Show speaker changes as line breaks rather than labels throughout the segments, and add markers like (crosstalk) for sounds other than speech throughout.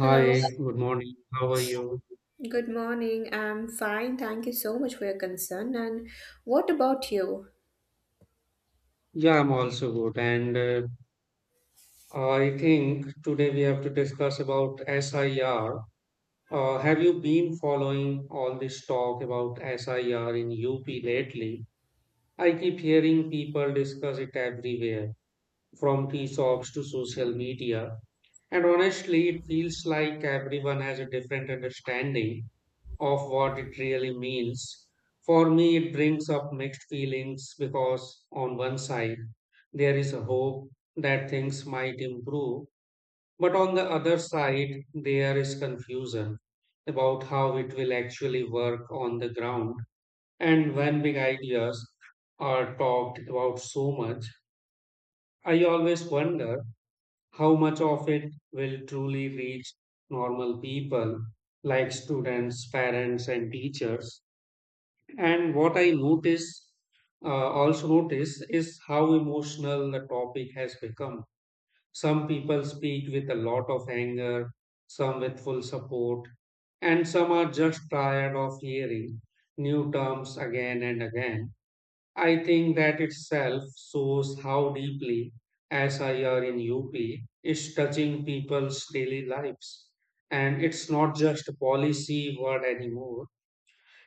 Hello,
good morning. How are you?
good morning. I'm fine. Thank you so much for your concern. And what about you?
Yeah, I'm also good. And I think today we have to discuss about SIR. Have you been following all this talk about SIR in UP lately? I keep hearing people discuss it everywhere, from tea shops to social media. And honestly, it feels like everyone has a different understanding of what it really means. For me, it brings up mixed feelings because, on one side, there is a hope that things might improve, but on the other side, there is confusion about how it will actually work on the ground. And when big ideas are talked about so much, I always wonder how much of it will truly reach normal people like students, parents, and teachers. And what I notice, is how emotional the topic has become. Some people speak with a lot of anger, some with full support, and some are just tired of hearing new terms again and again. I think that itself shows how deeply SIR in UP is touching people's daily lives. And it's not just a policy word anymore,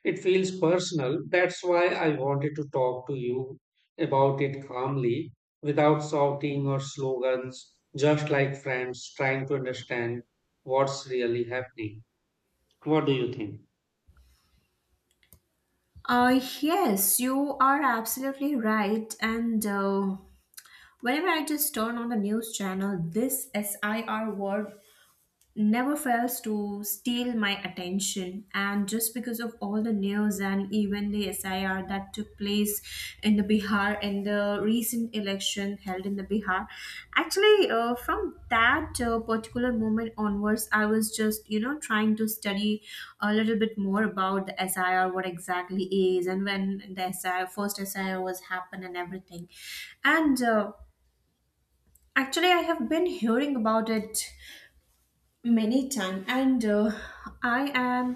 it feels personal. That's why I wanted to talk to you about it calmly, without shouting or slogans, just like friends trying to understand what's really happening. What do you think?
Yes, you are absolutely right. And whenever I just turn on the news channel, this SIR word never fails to steal my attention, and just because of all the news and even the SIR that took place in the Bihar in the recent election held in the Bihar actually, from that particular moment onwards I was just trying to study a little bit more about the SIR what exactly is, and when the SIR first SIR was happened and everything. And actually I have been hearing about it many time, and I am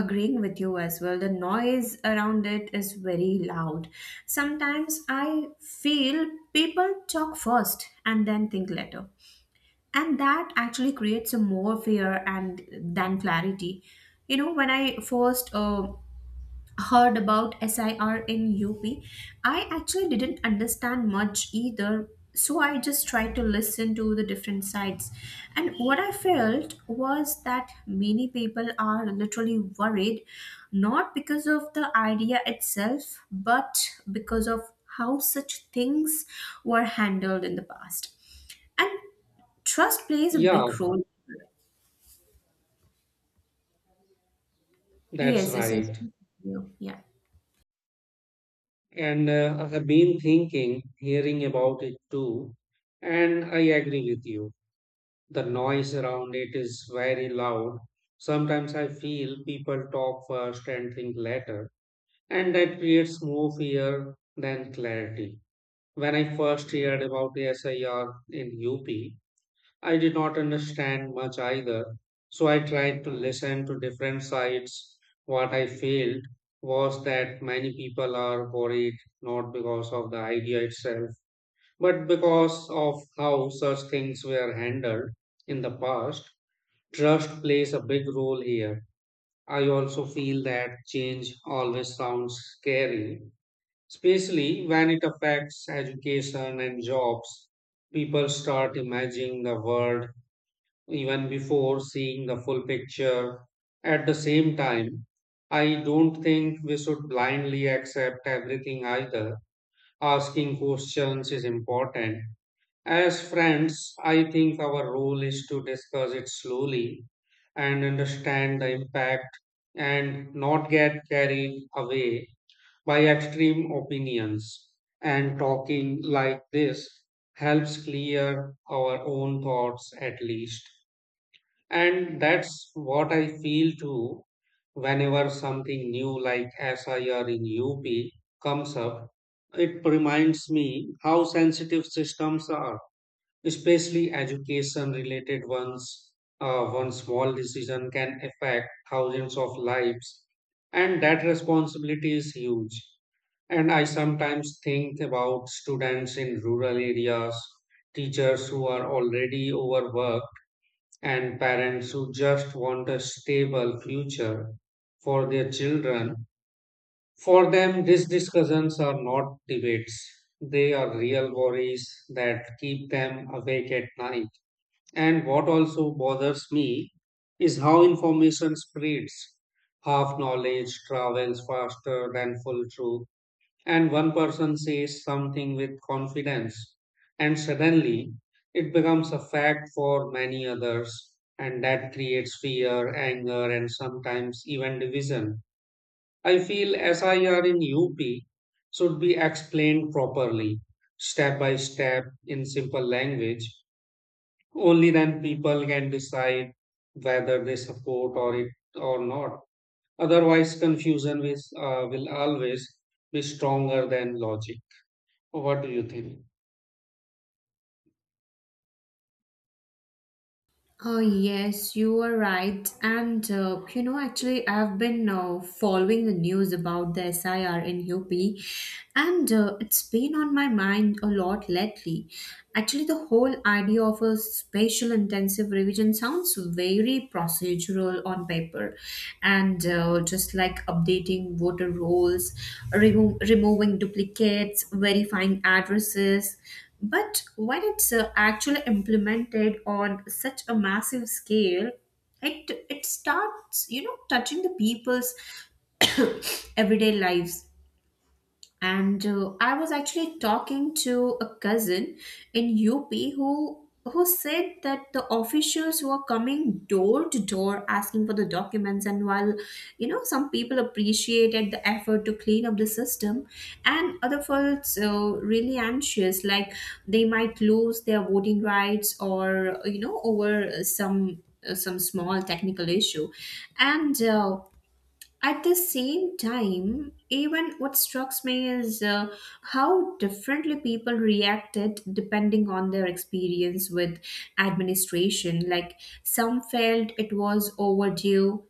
agreeing with you as well. The noise around it is very loud. Sometimes I feel people talk first and then think later, and that actually creates a more fear and than clarity. You know, when I first heard about SIR in UP, I actually didn't understand much either, so I just tried to listen to the different sides. And what I felt was that many people are literally worried, not because of the idea itself, but because of how such things were handled in the past. And trust plays a
Yeah,
big role.
that's
Yes, this is.
right.
Yeah.
And I have been thinking, hearing about it too, and I agree with you. The noise around it is very loud. Sometimes I feel people talk first and think later, and that creates more fear than clarity. When I first heard about the SIR in UP, I did not understand much either, so I tried to listen to different sides. What I failed was that many people are worried, not because of the idea itself, but because of how such things were handled in the past. Trust plays a big role here. I also feel that change always sounds scary, especially when it affects education and jobs. People start imagining the world even before seeing the full picture. At the same time, I don't think we should blindly accept everything either. Asking questions is important. As friends, I think our role is to discuss it slowly and understand the impact, and not get carried away by extreme opinions. And talking like this helps clear our own thoughts at least. And that's what I feel too whenever something new like SIR in UP comes up. It reminds me how sensitive systems are, especially education related ones. One small decision can affect thousands of lives, and that responsibility is huge. And I sometimes think about students in rural areas, teachers who are already overworked, and parents who just want a stable future for their children. For them, these discussions are not debates. They are real worries that keep them awake at night. And what also bothers me is how information spreads. Half knowledge travels faster than full truth, and one person says something with confidence and suddenly it becomes a fact for many others, and that creates fear, anger, and sometimes even division. I feel SIR in UP should be explained properly, step by step, in simple language. Only then people can decide whether they support or it or not. Otherwise confusion will always be stronger than logic. What do you think?
Oh, yes, you are right. And you know, actually, I've been following the news about the SIR in UP, and it's been on my mind a lot lately. Actually, the whole idea of a spatial intensive revision sounds very procedural on paper, and just like updating voter rolls, removing duplicates, verifying addresses. But when it's actually implemented on such a massive scale, it starts, you know, touching the people's (coughs) everyday lives. And I was actually talking to a cousin in UP who said that the officials were coming door to door asking for the documents. And while you know, some people appreciated the effort to clean up the system, and other felt so really anxious, like they might lose their voting rights or you know, over some small technical issue. And at the same time, even what struck me is how differently people reacted depending on their experience with administration. Like some felt it was overdue,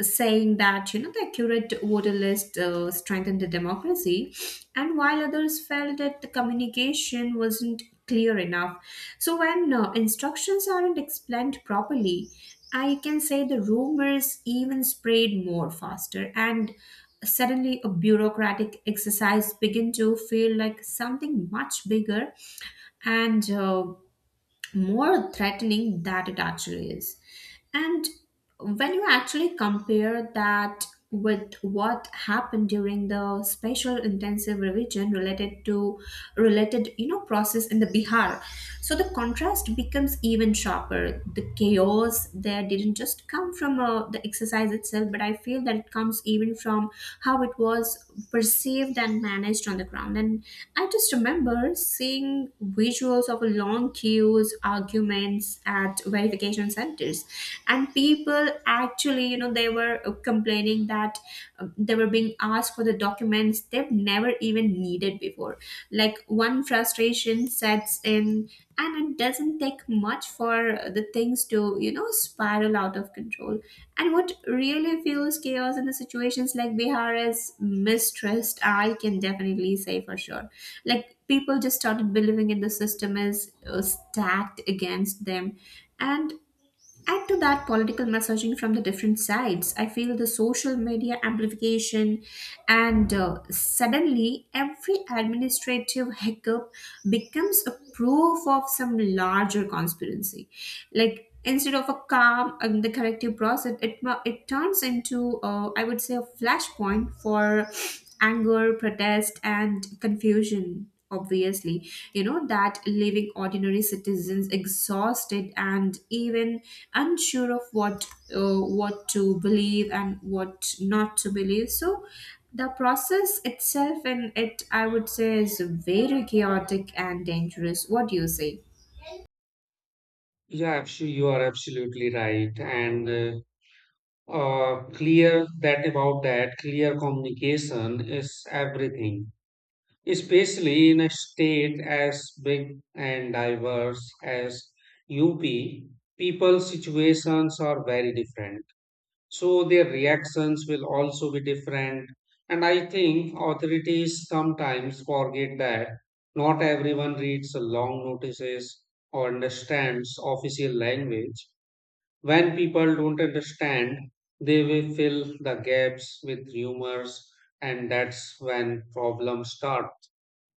saying that you know the accurate voter list strengthened the democracy, and while others felt that the communication wasn't clear enough. So when instructions aren't explained properly, I can say the rumors even spread more faster, and suddenly a bureaucratic exercise begin to feel like something much bigger and more threatening that it actually is. And when you actually compare that with what happened during the special intensive revision related to related you know process in the Bihar, so the contrast becomes even sharper. The chaos there didn't just come from the exercise itself, but I feel that it comes even from how it was perceived and managed on the ground. And I just remember seeing visuals of long queues, arguments at verification centers, and people actually, you know, they were complaining that they were being asked for the documents they've never even needed before. Like one frustration sets in, and it doesn't take much for the things to, you know, spiral out of control. And what really fuels chaos in the situations like Bihar is mistrust, I can definitely say for sure. Like people just started believing in the system is stacked against them. And add to that political messaging from the different sides. I feel the social media amplification, and suddenly every administrative hiccup becomes a proof of some larger conspiracy. Like instead of a calm and the corrective process, it turns into I would say a flashpoint for anger, protest and confusion obviously, you know, that leaving ordinary citizens exhausted and even unsure of what to believe and what not to believe. So the process itself, and it I would say is very chaotic and dangerous. What do you say?
Yeah, actually, you are absolutely right. And clear that about that, clear communication is everything, especially in a state as big and diverse as UP. People's situations are very different, so their reactions will also be different, and I think authorities sometimes forget that not everyone reads long notices or understands official language. When people don't understand, they will fill the gaps with rumors, and that's when problems start.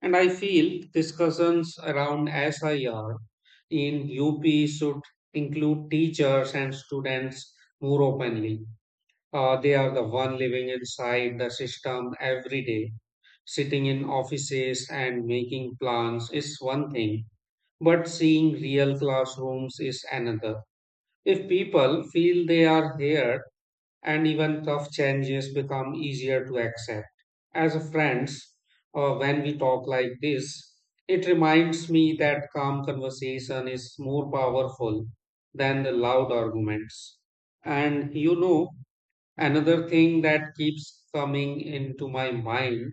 And I feel discussions around SIR in UP should include teachers and students more openly. They are the one living inside the system every day. Sitting in offices and making plans is one thing, but seeing real classrooms is another. If people feel they are heard, and even tough changes become easier to accept. As a friends, when we talk like this, it reminds me that calm conversation is more powerful than the loud arguments. And you know, another thing that keeps coming into my mind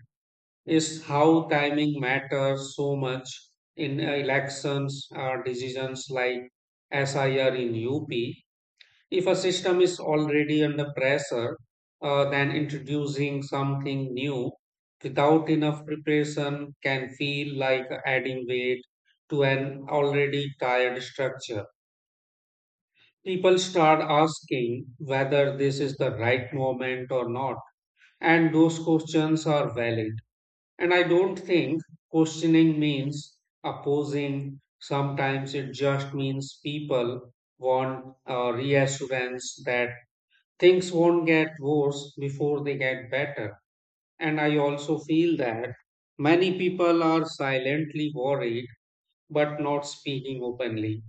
is how timing matters so much in elections or decisions like SIR in UP. If a system is already under pressure, then introducing something new without enough preparation can feel like adding weight to an already tired structure. People start asking whether this is the right moment or not, and those questions are valid. And I don't think questioning means opposing. Sometimes it just means people want a reassurance that things won't get worse before they get better. And I also feel that many people are silently worried but not speaking openly.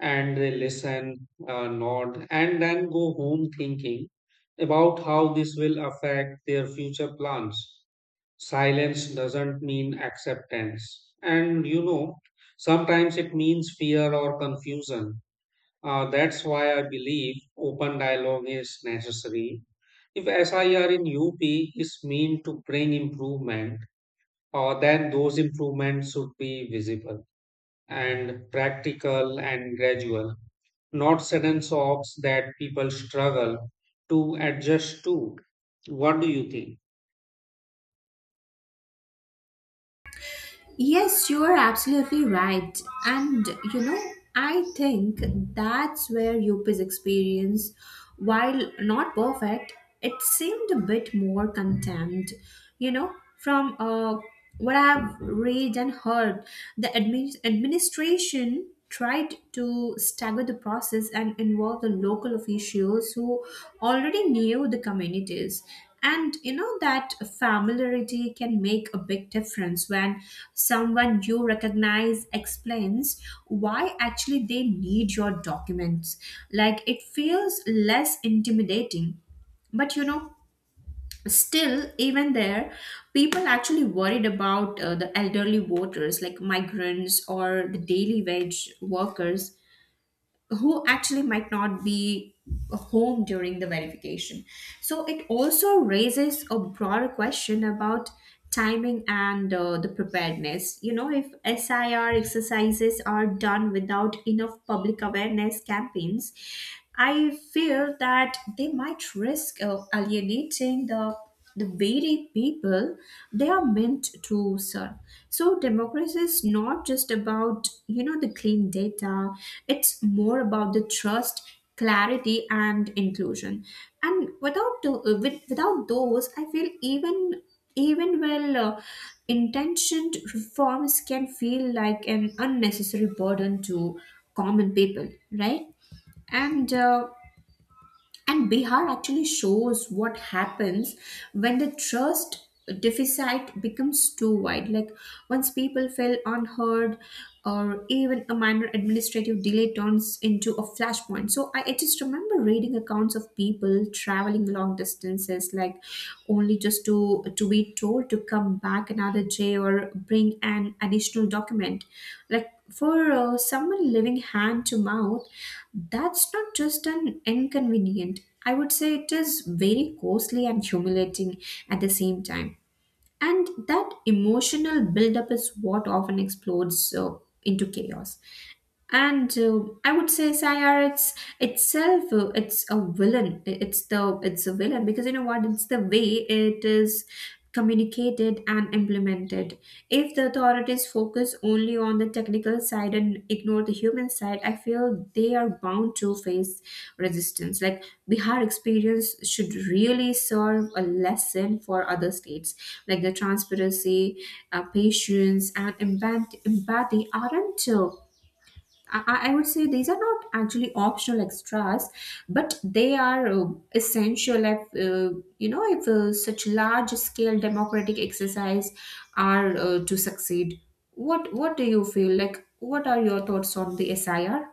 And they listen, nod, and then go home thinking about how this will affect their future plans. Silence doesn't mean acceptance. And you know, sometimes it means fear or confusion. That's why I believe open dialogue is necessary. If SIR in UP is meant to bring improvement, then those improvements should be visible and practical and gradual, not sudden shocks that people struggle to adjust to. What do you think?
Yes, you are absolutely right. And you know, I think that's where UP's experience, while not perfect, it seemed a bit more contained. You know, from what I've read and heard, the administration tried to stagger the process and involve the local officials who already knew the communities. And you know that familiarity can make a big difference when someone you recognize explains why actually they need your documents. Like it feels less intimidating. But you know, still, even there, people actually worried about the elderly voters like migrants or the daily wage workers who actually might not be home during the verification. So it also raises a broader question about timing and the preparedness. You know, if SIR exercises are done without enough public awareness campaigns, I fear that they might risk alienating the very people they are meant to serve. So democracy is not just about you know the clean data, it's more about the trust, clarity and inclusion. And without the, without those I feel even well intentioned reforms can feel like an unnecessary burden to common people, right? And uh, and Bihar actually shows what happens when the trust deficit becomes too wide. Like once people feel unheard, or even a minor administrative delay turns into a flashpoint. So I just remember reading accounts of people traveling long distances, it's like only just to be told to come back another day or bring an additional document. Like for someone living hand to mouth, that's not just an inconvenient, I would say it is very costly and humiliating at the same time. And that emotional buildup is what often explodes into chaos. And I would say sayar it's itself it's a villain. It's the it's a villain because you know what, it's the way it is communicated and implemented. If the authorities focus only on the technical side and ignore the human side, I feel they are bound to face resistance. Like Bihar experience should really serve a lesson for other states. Like the transparency, patience and empathy aren't I would say these are not actually optional extras, but they are essential. If such large scale democratic exercise are to succeed, what do you feel like? What are your thoughts on the SIR?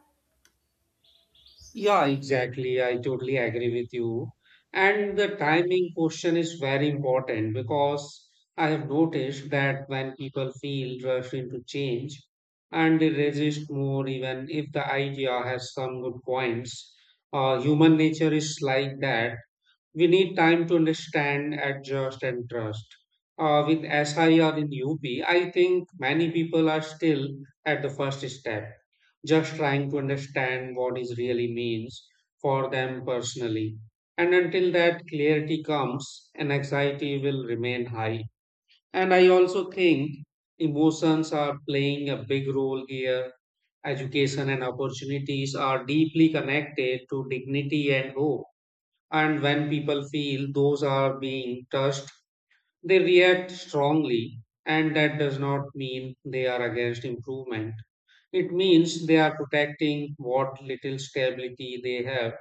Yeah, exactly. I totally agree with you. And the timing question is very important, because I have noticed that when people feel rushed into change and they resist more, even if the idea has some good points. Human nature is like that, we need time to understand, adjust, and trust. With SI or in UP, I think many people are still at the first step, just trying to understand what is really means for them personally. And until that clarity comes, an anxiety will remain high. And I also think emotions are playing a big role here. Education and opportunities are deeply connected to dignity and hope, and when people feel those are being touched, they react strongly. And that does not mean they are against improvement. It means they are protecting what little stability they have.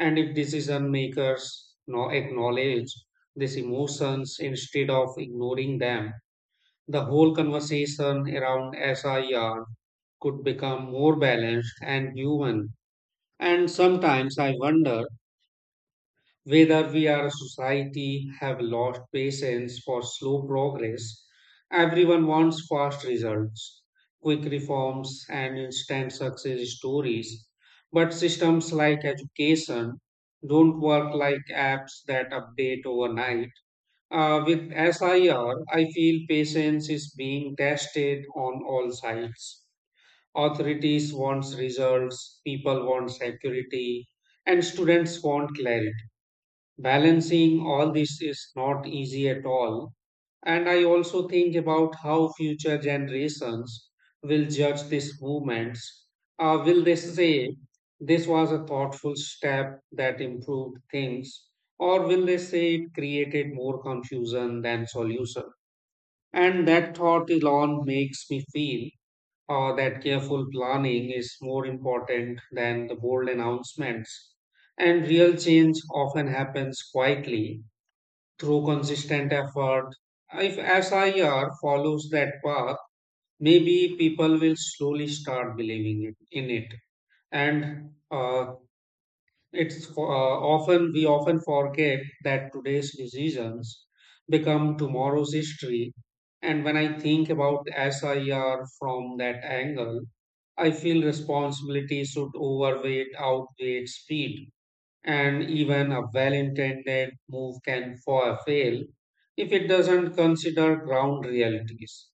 And if decision makers acknowledge these emotions instead of ignoring them, the whole conversation around SIR could become more balanced and human. And sometimes I wonder whether we are a society have lost patience for slow progress. Everyone wants fast results, quick reforms, and instant success stories, but systems like education don't work like apps that update overnight. With SIR, I R, I feel patience is being tested on all sides. Authorities want results, people want security, and students want clarity. Balancing all this is not easy at all. And I also think about how future generations will judge these movements. Will they say this was a thoughtful step that improved things? Or will they say it created more confusion than solution? And that thought alone makes me feel that careful planning is more important than the bold announcements. And real change often happens quietly through consistent effort. If SIR follows that path, maybe people will slowly start believing in it. And it's often we often forget that today's decisions become tomorrow's history. And when I think about SIR from that angle, I feel responsibility should outweigh speed. And even a well intended move can fail if it doesn't consider ground realities.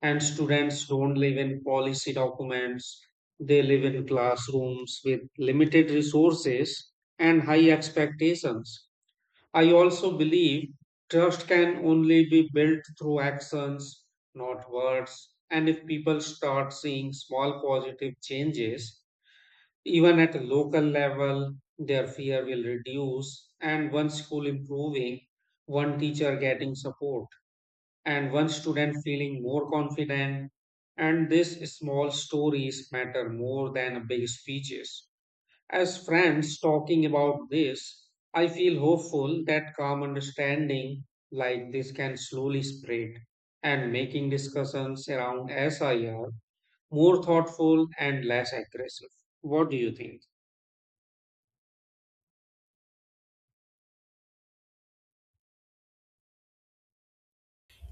And students don't live in policy documents, they live in classrooms with limited resources and high expectations. I also believe trust can only be built through actions, not words. And if people start seeing small positive changes, even at a local level, their fear will reduce. And one school improving, one teacher getting support, and one student feeling more confident. And these small stories matter more than big speeches. As friends talking about this, I feel hopeful that calm understanding like this can slowly spread, and making discussions around SIR more thoughtful and less aggressive. What do you think?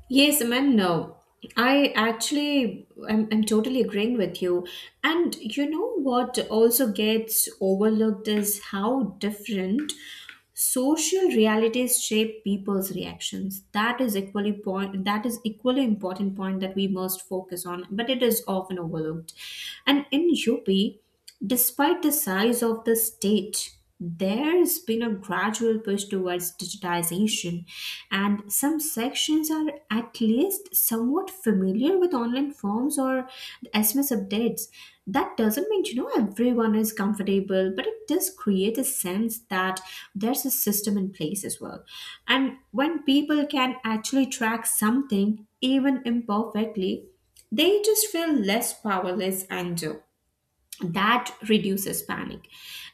Yes, I mean, no. I actually, I'm totally agreeing with you. And you know what also gets overlooked is how different social realities shape people's reactions. That is equally point that is equally important point that we must focus on, but it is often overlooked. And in UP, despite the size of the state, there has been a gradual push towards digitization, and some sections are at least somewhat familiar with online forms or SMS updates. That doesn't mean you know everyone is comfortable, but it does create a sense that there's a system in place as well. And when people can actually track something, even imperfectly, they just feel less powerless, and that reduces panic.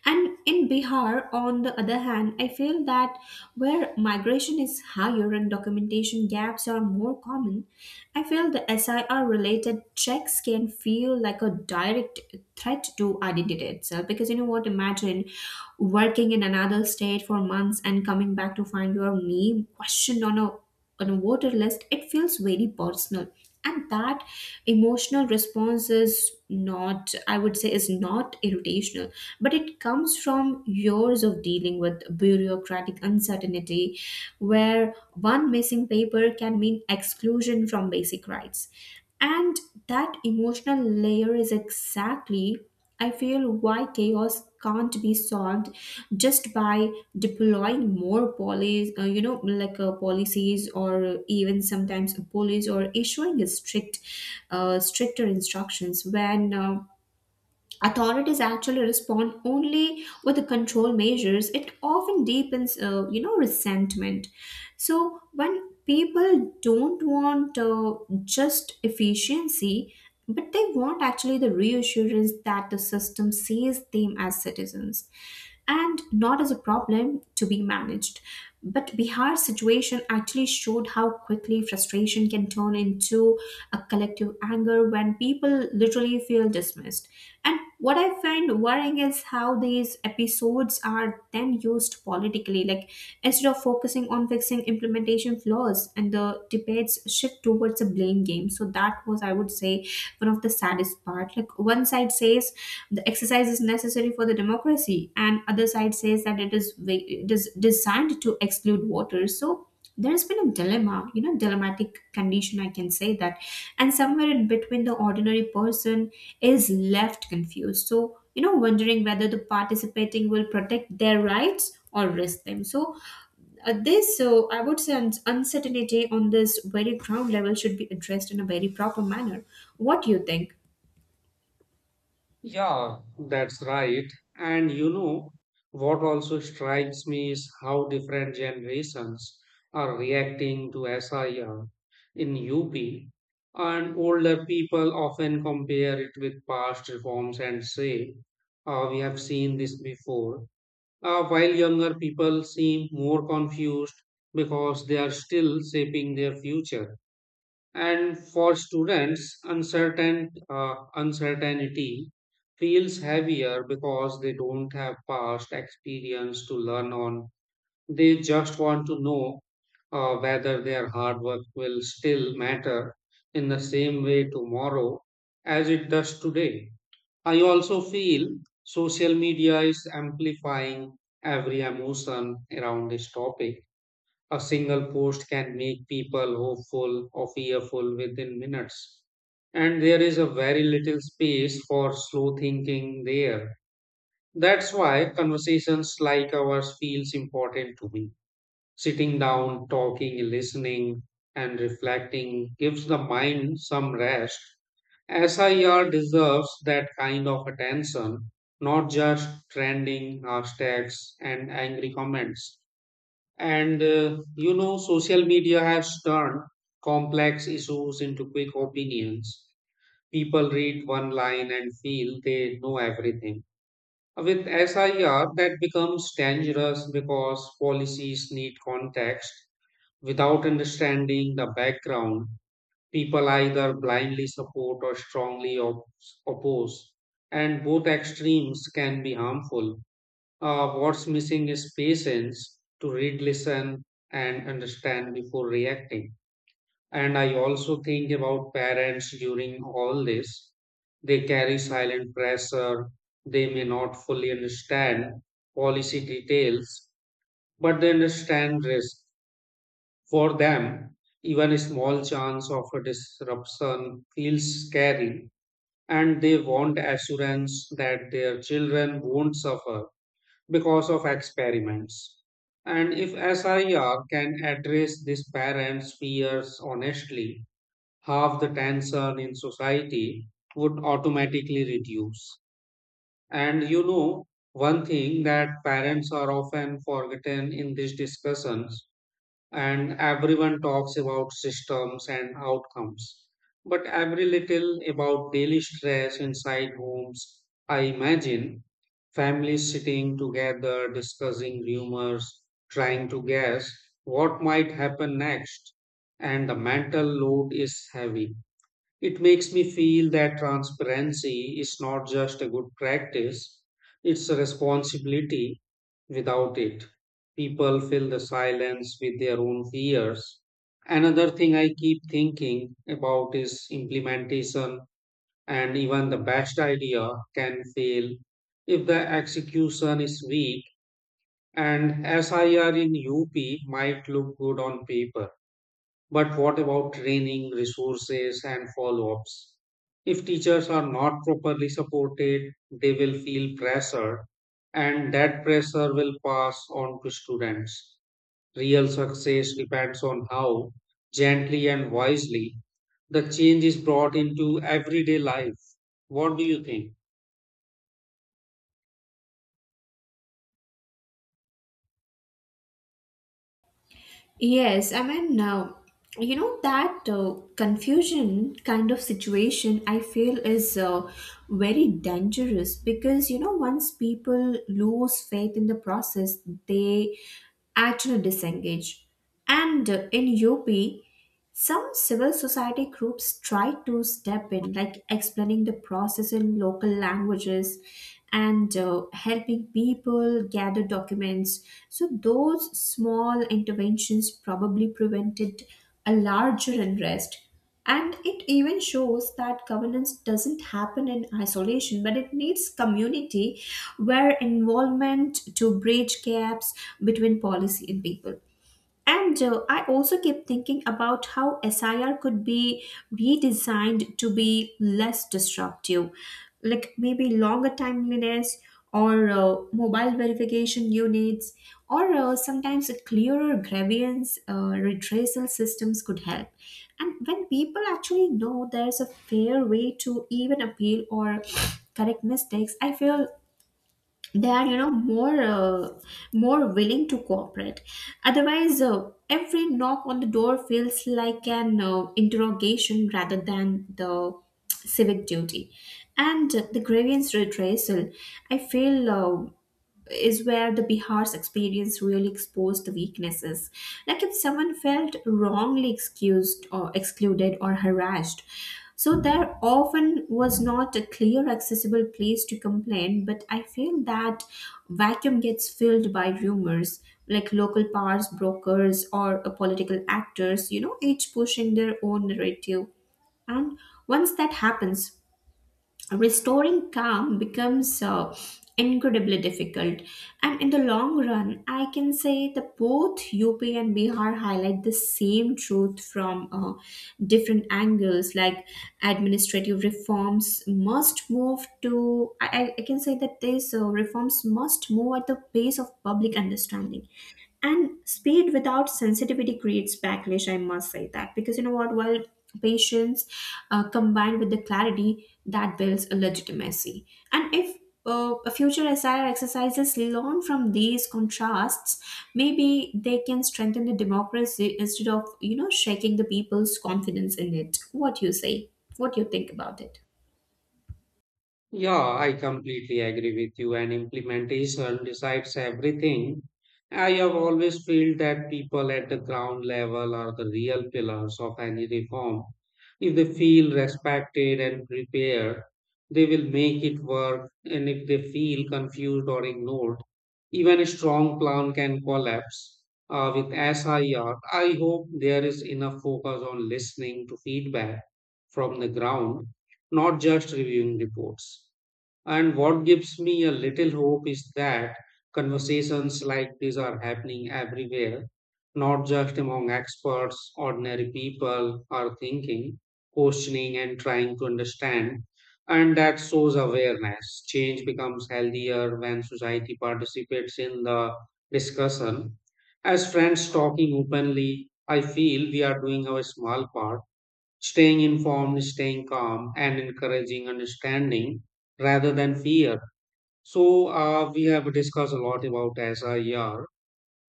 And in Bihar, on the other hand, I feel that where migration is higher and documentation gaps are more common, I feel the SIR related checks can feel like a direct threat to identity itself. Because you know what, imagine working in another state for months and coming back to find your name questioned on a voter list, it feels very personal. And that emotional response is not, I would say, is not irritational, but it comes from years of dealing with bureaucratic uncertainty, where one missing paper can mean exclusion from basic rights. And that emotional layer is exactly, I feel, why chaos can't be solved just by deploying more police, like policies, or even sometimes police, or issuing strict, stricter instructions when. Authorities actually respond only with control measures, it often deepens resentment. So when people don't want just efficiency, but they want actually the reassurance that the system sees them as citizens and not as a problem to be managed. But Bihar's situation actually showed how quickly frustration can turn into a collective anger when people literally feel dismissed. And what I find worrying is how these episodes are then used politically. Like instead of focusing on fixing implementation flaws, and the debates shift towards a blame game. So that was, I would say, one of the saddest part. Like one side says the exercise is necessary for the democracy, and other side says that it is it is designed to exclude voters. So there has been a dilemma, you know, dilemmatic condition, I can say that. And somewhere in between, the ordinary person is left confused. So you know, wondering whether the participating will protect their rights or risk them. So I would say, uncertainty on this very ground level should be addressed in a very proper manner. What do you think?
Yeah, that's right. And you know, what also strikes me is how different generations are reacting to SIR in UP. And older people often compare it with past reforms and say, "Ah, we have seen this before." While younger people seem more confused because they are still shaping their future. And for students, uncertainty feels heavier because they don't have past experience to learn on. They just want to know whether their hard work will still matter in the same way tomorrow as it does today. I also feel social media is amplifying every emotion around this topic. A single post can make people hopeful or fearful within minutes. And there is a very little space for slow thinking there. That's why conversations like ours feels important to me. Sitting down, talking, listening, and reflecting gives the mind some rest. SIR deserves that kind of attention, not just trending hashtags and angry comments. And you know, social media has turned complex issues into quick opinions. People read one line and feel they know everything. With SIR, that becomes dangerous because policies need context. Without understanding the background, people either blindly support or strongly oppose, and both extremes can be harmful. What's missing is patience to read, listen, and understand before reacting. And I also think about parents during all this. They carry silent pressure. They may not fully understand policy details, but they understand risk. For them, even a small chance of a disruption feels scary, and they want assurance that their children won't suffer because of experiments. And if SIR can address these parents' fears honestly, half the tension in society would automatically reduce. And you know, one thing that parents are often forgotten in these discussions, and everyone talks about systems and outcomes, but every little about daily stress inside homes. I imagine families sitting together, discussing rumors, trying to guess what might happen next, and the mental load is heavy. It makes me feel that transparency is not just a good practice, it's a responsibility. Without it, people fill the silence with their own fears. Another thing I keep thinking about is implementation, and even the best idea can fail if the execution is weak, and SIR in UP might look good on paper, but what about training, resources, and follow ups? If teachers are not properly supported, they will feel pressure, and that pressure will pass on to students. Real success depends on how gently and wisely the change is brought into everyday life. What do you think?
Yes, I mean, uh, you know, that confusion kind of situation I feel is very dangerous, because, you know, once people lose faith in the process, they actually disengage. And in UP, some civil society groups try to step in, like explaining the process in local languages and helping people gather documents. So those small interventions probably prevented a larger unrest. And it even shows that governance doesn't happen in isolation, but it needs community where involvement to bridge gaps between policy and people. And I also keep thinking about how SIR could be redesigned to be less disruptive, like maybe longer timeliness or mobile verification units, or sometimes a clearer grievance retracing systems could help. And when people actually know there's a fair way to even appeal or correct mistakes, I feel they are you know more willing to cooperate. Otherwise every knock on the door feels like an interrogation rather than the civic duty. And the grievance redressal I feel is where the Bihar's experience really exposed the weaknesses. Like if someone felt wrongly excused or excluded or harassed. So there often was not a clear accessible place to complain, but I feel that vacuum gets filled by rumors, like local powers brokers or political actors, you know, each pushing their own narrative. And once that happens, restoring calm becomes incredibly difficult. And in the long run, I can say that both UP and Bihar highlight the same truth from different angles. Like administrative reforms must move to I can say that these reforms must move at the pace of public understanding, and speed without sensitivity creates backlash, I must say that. Because you know what, while patience combined with the clarity that builds a legitimacy. And if a future SIR exercises learn from these contrasts, maybe they can strengthen the democracy instead of you know shaking the people's confidence in it. What do you say? What do you think about it?
Yeah, I completely agree with you, and implementation decides everything. I have always felt that people at the ground level are the real pillars of any reform. If they feel respected and prepared, they will make it work, and if they feel confused or ignored, even a strong plan can collapse. With SIR, I R, I hope there is enough focus on listening to feedback from the ground, not just reviewing reports. And what gives me a little hope is that conversations like these are happening everywhere, not just among experts, ordinary people are thinking, questioning, and trying to understand. And that shows awareness. Change becomes healthier when society participates in the discussion. As friends talking openly, I feel we are doing our small part, staying informed, staying calm, and encouraging understanding rather than fear. So, we have discussed a lot about SIR.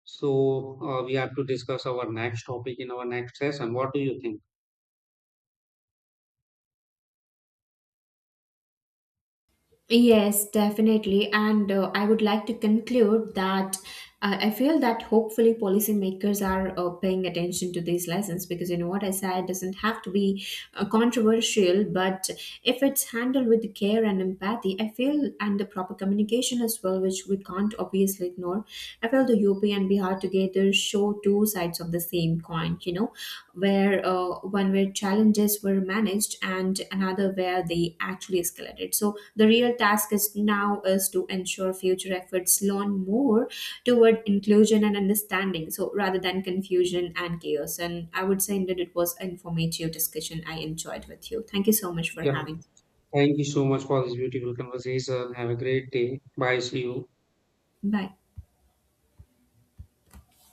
So, we have to discuss our next topic in our next session. What do you think?
Yes, definitely. And I would like to conclude that I feel that hopefully policymakers are paying attention to these lessons, because you know what I said doesn't have to be controversial. But if it's handled with care and empathy, I feel, and the proper communication as well, which we can't obviously ignore, I feel the UP and Bihar together show two sides of the same coin, you know, where one where challenges were managed and another where they actually escalated. So the real task is now is to ensure future efforts lean more toward inclusion and understanding, so rather than confusion and chaos. And I would say that it was an informative discussion I enjoyed with you. Thank you so much for
Yeah.
having.
Thank you so much for this beautiful conversation. Have a great day. Bye. See you.
Bye.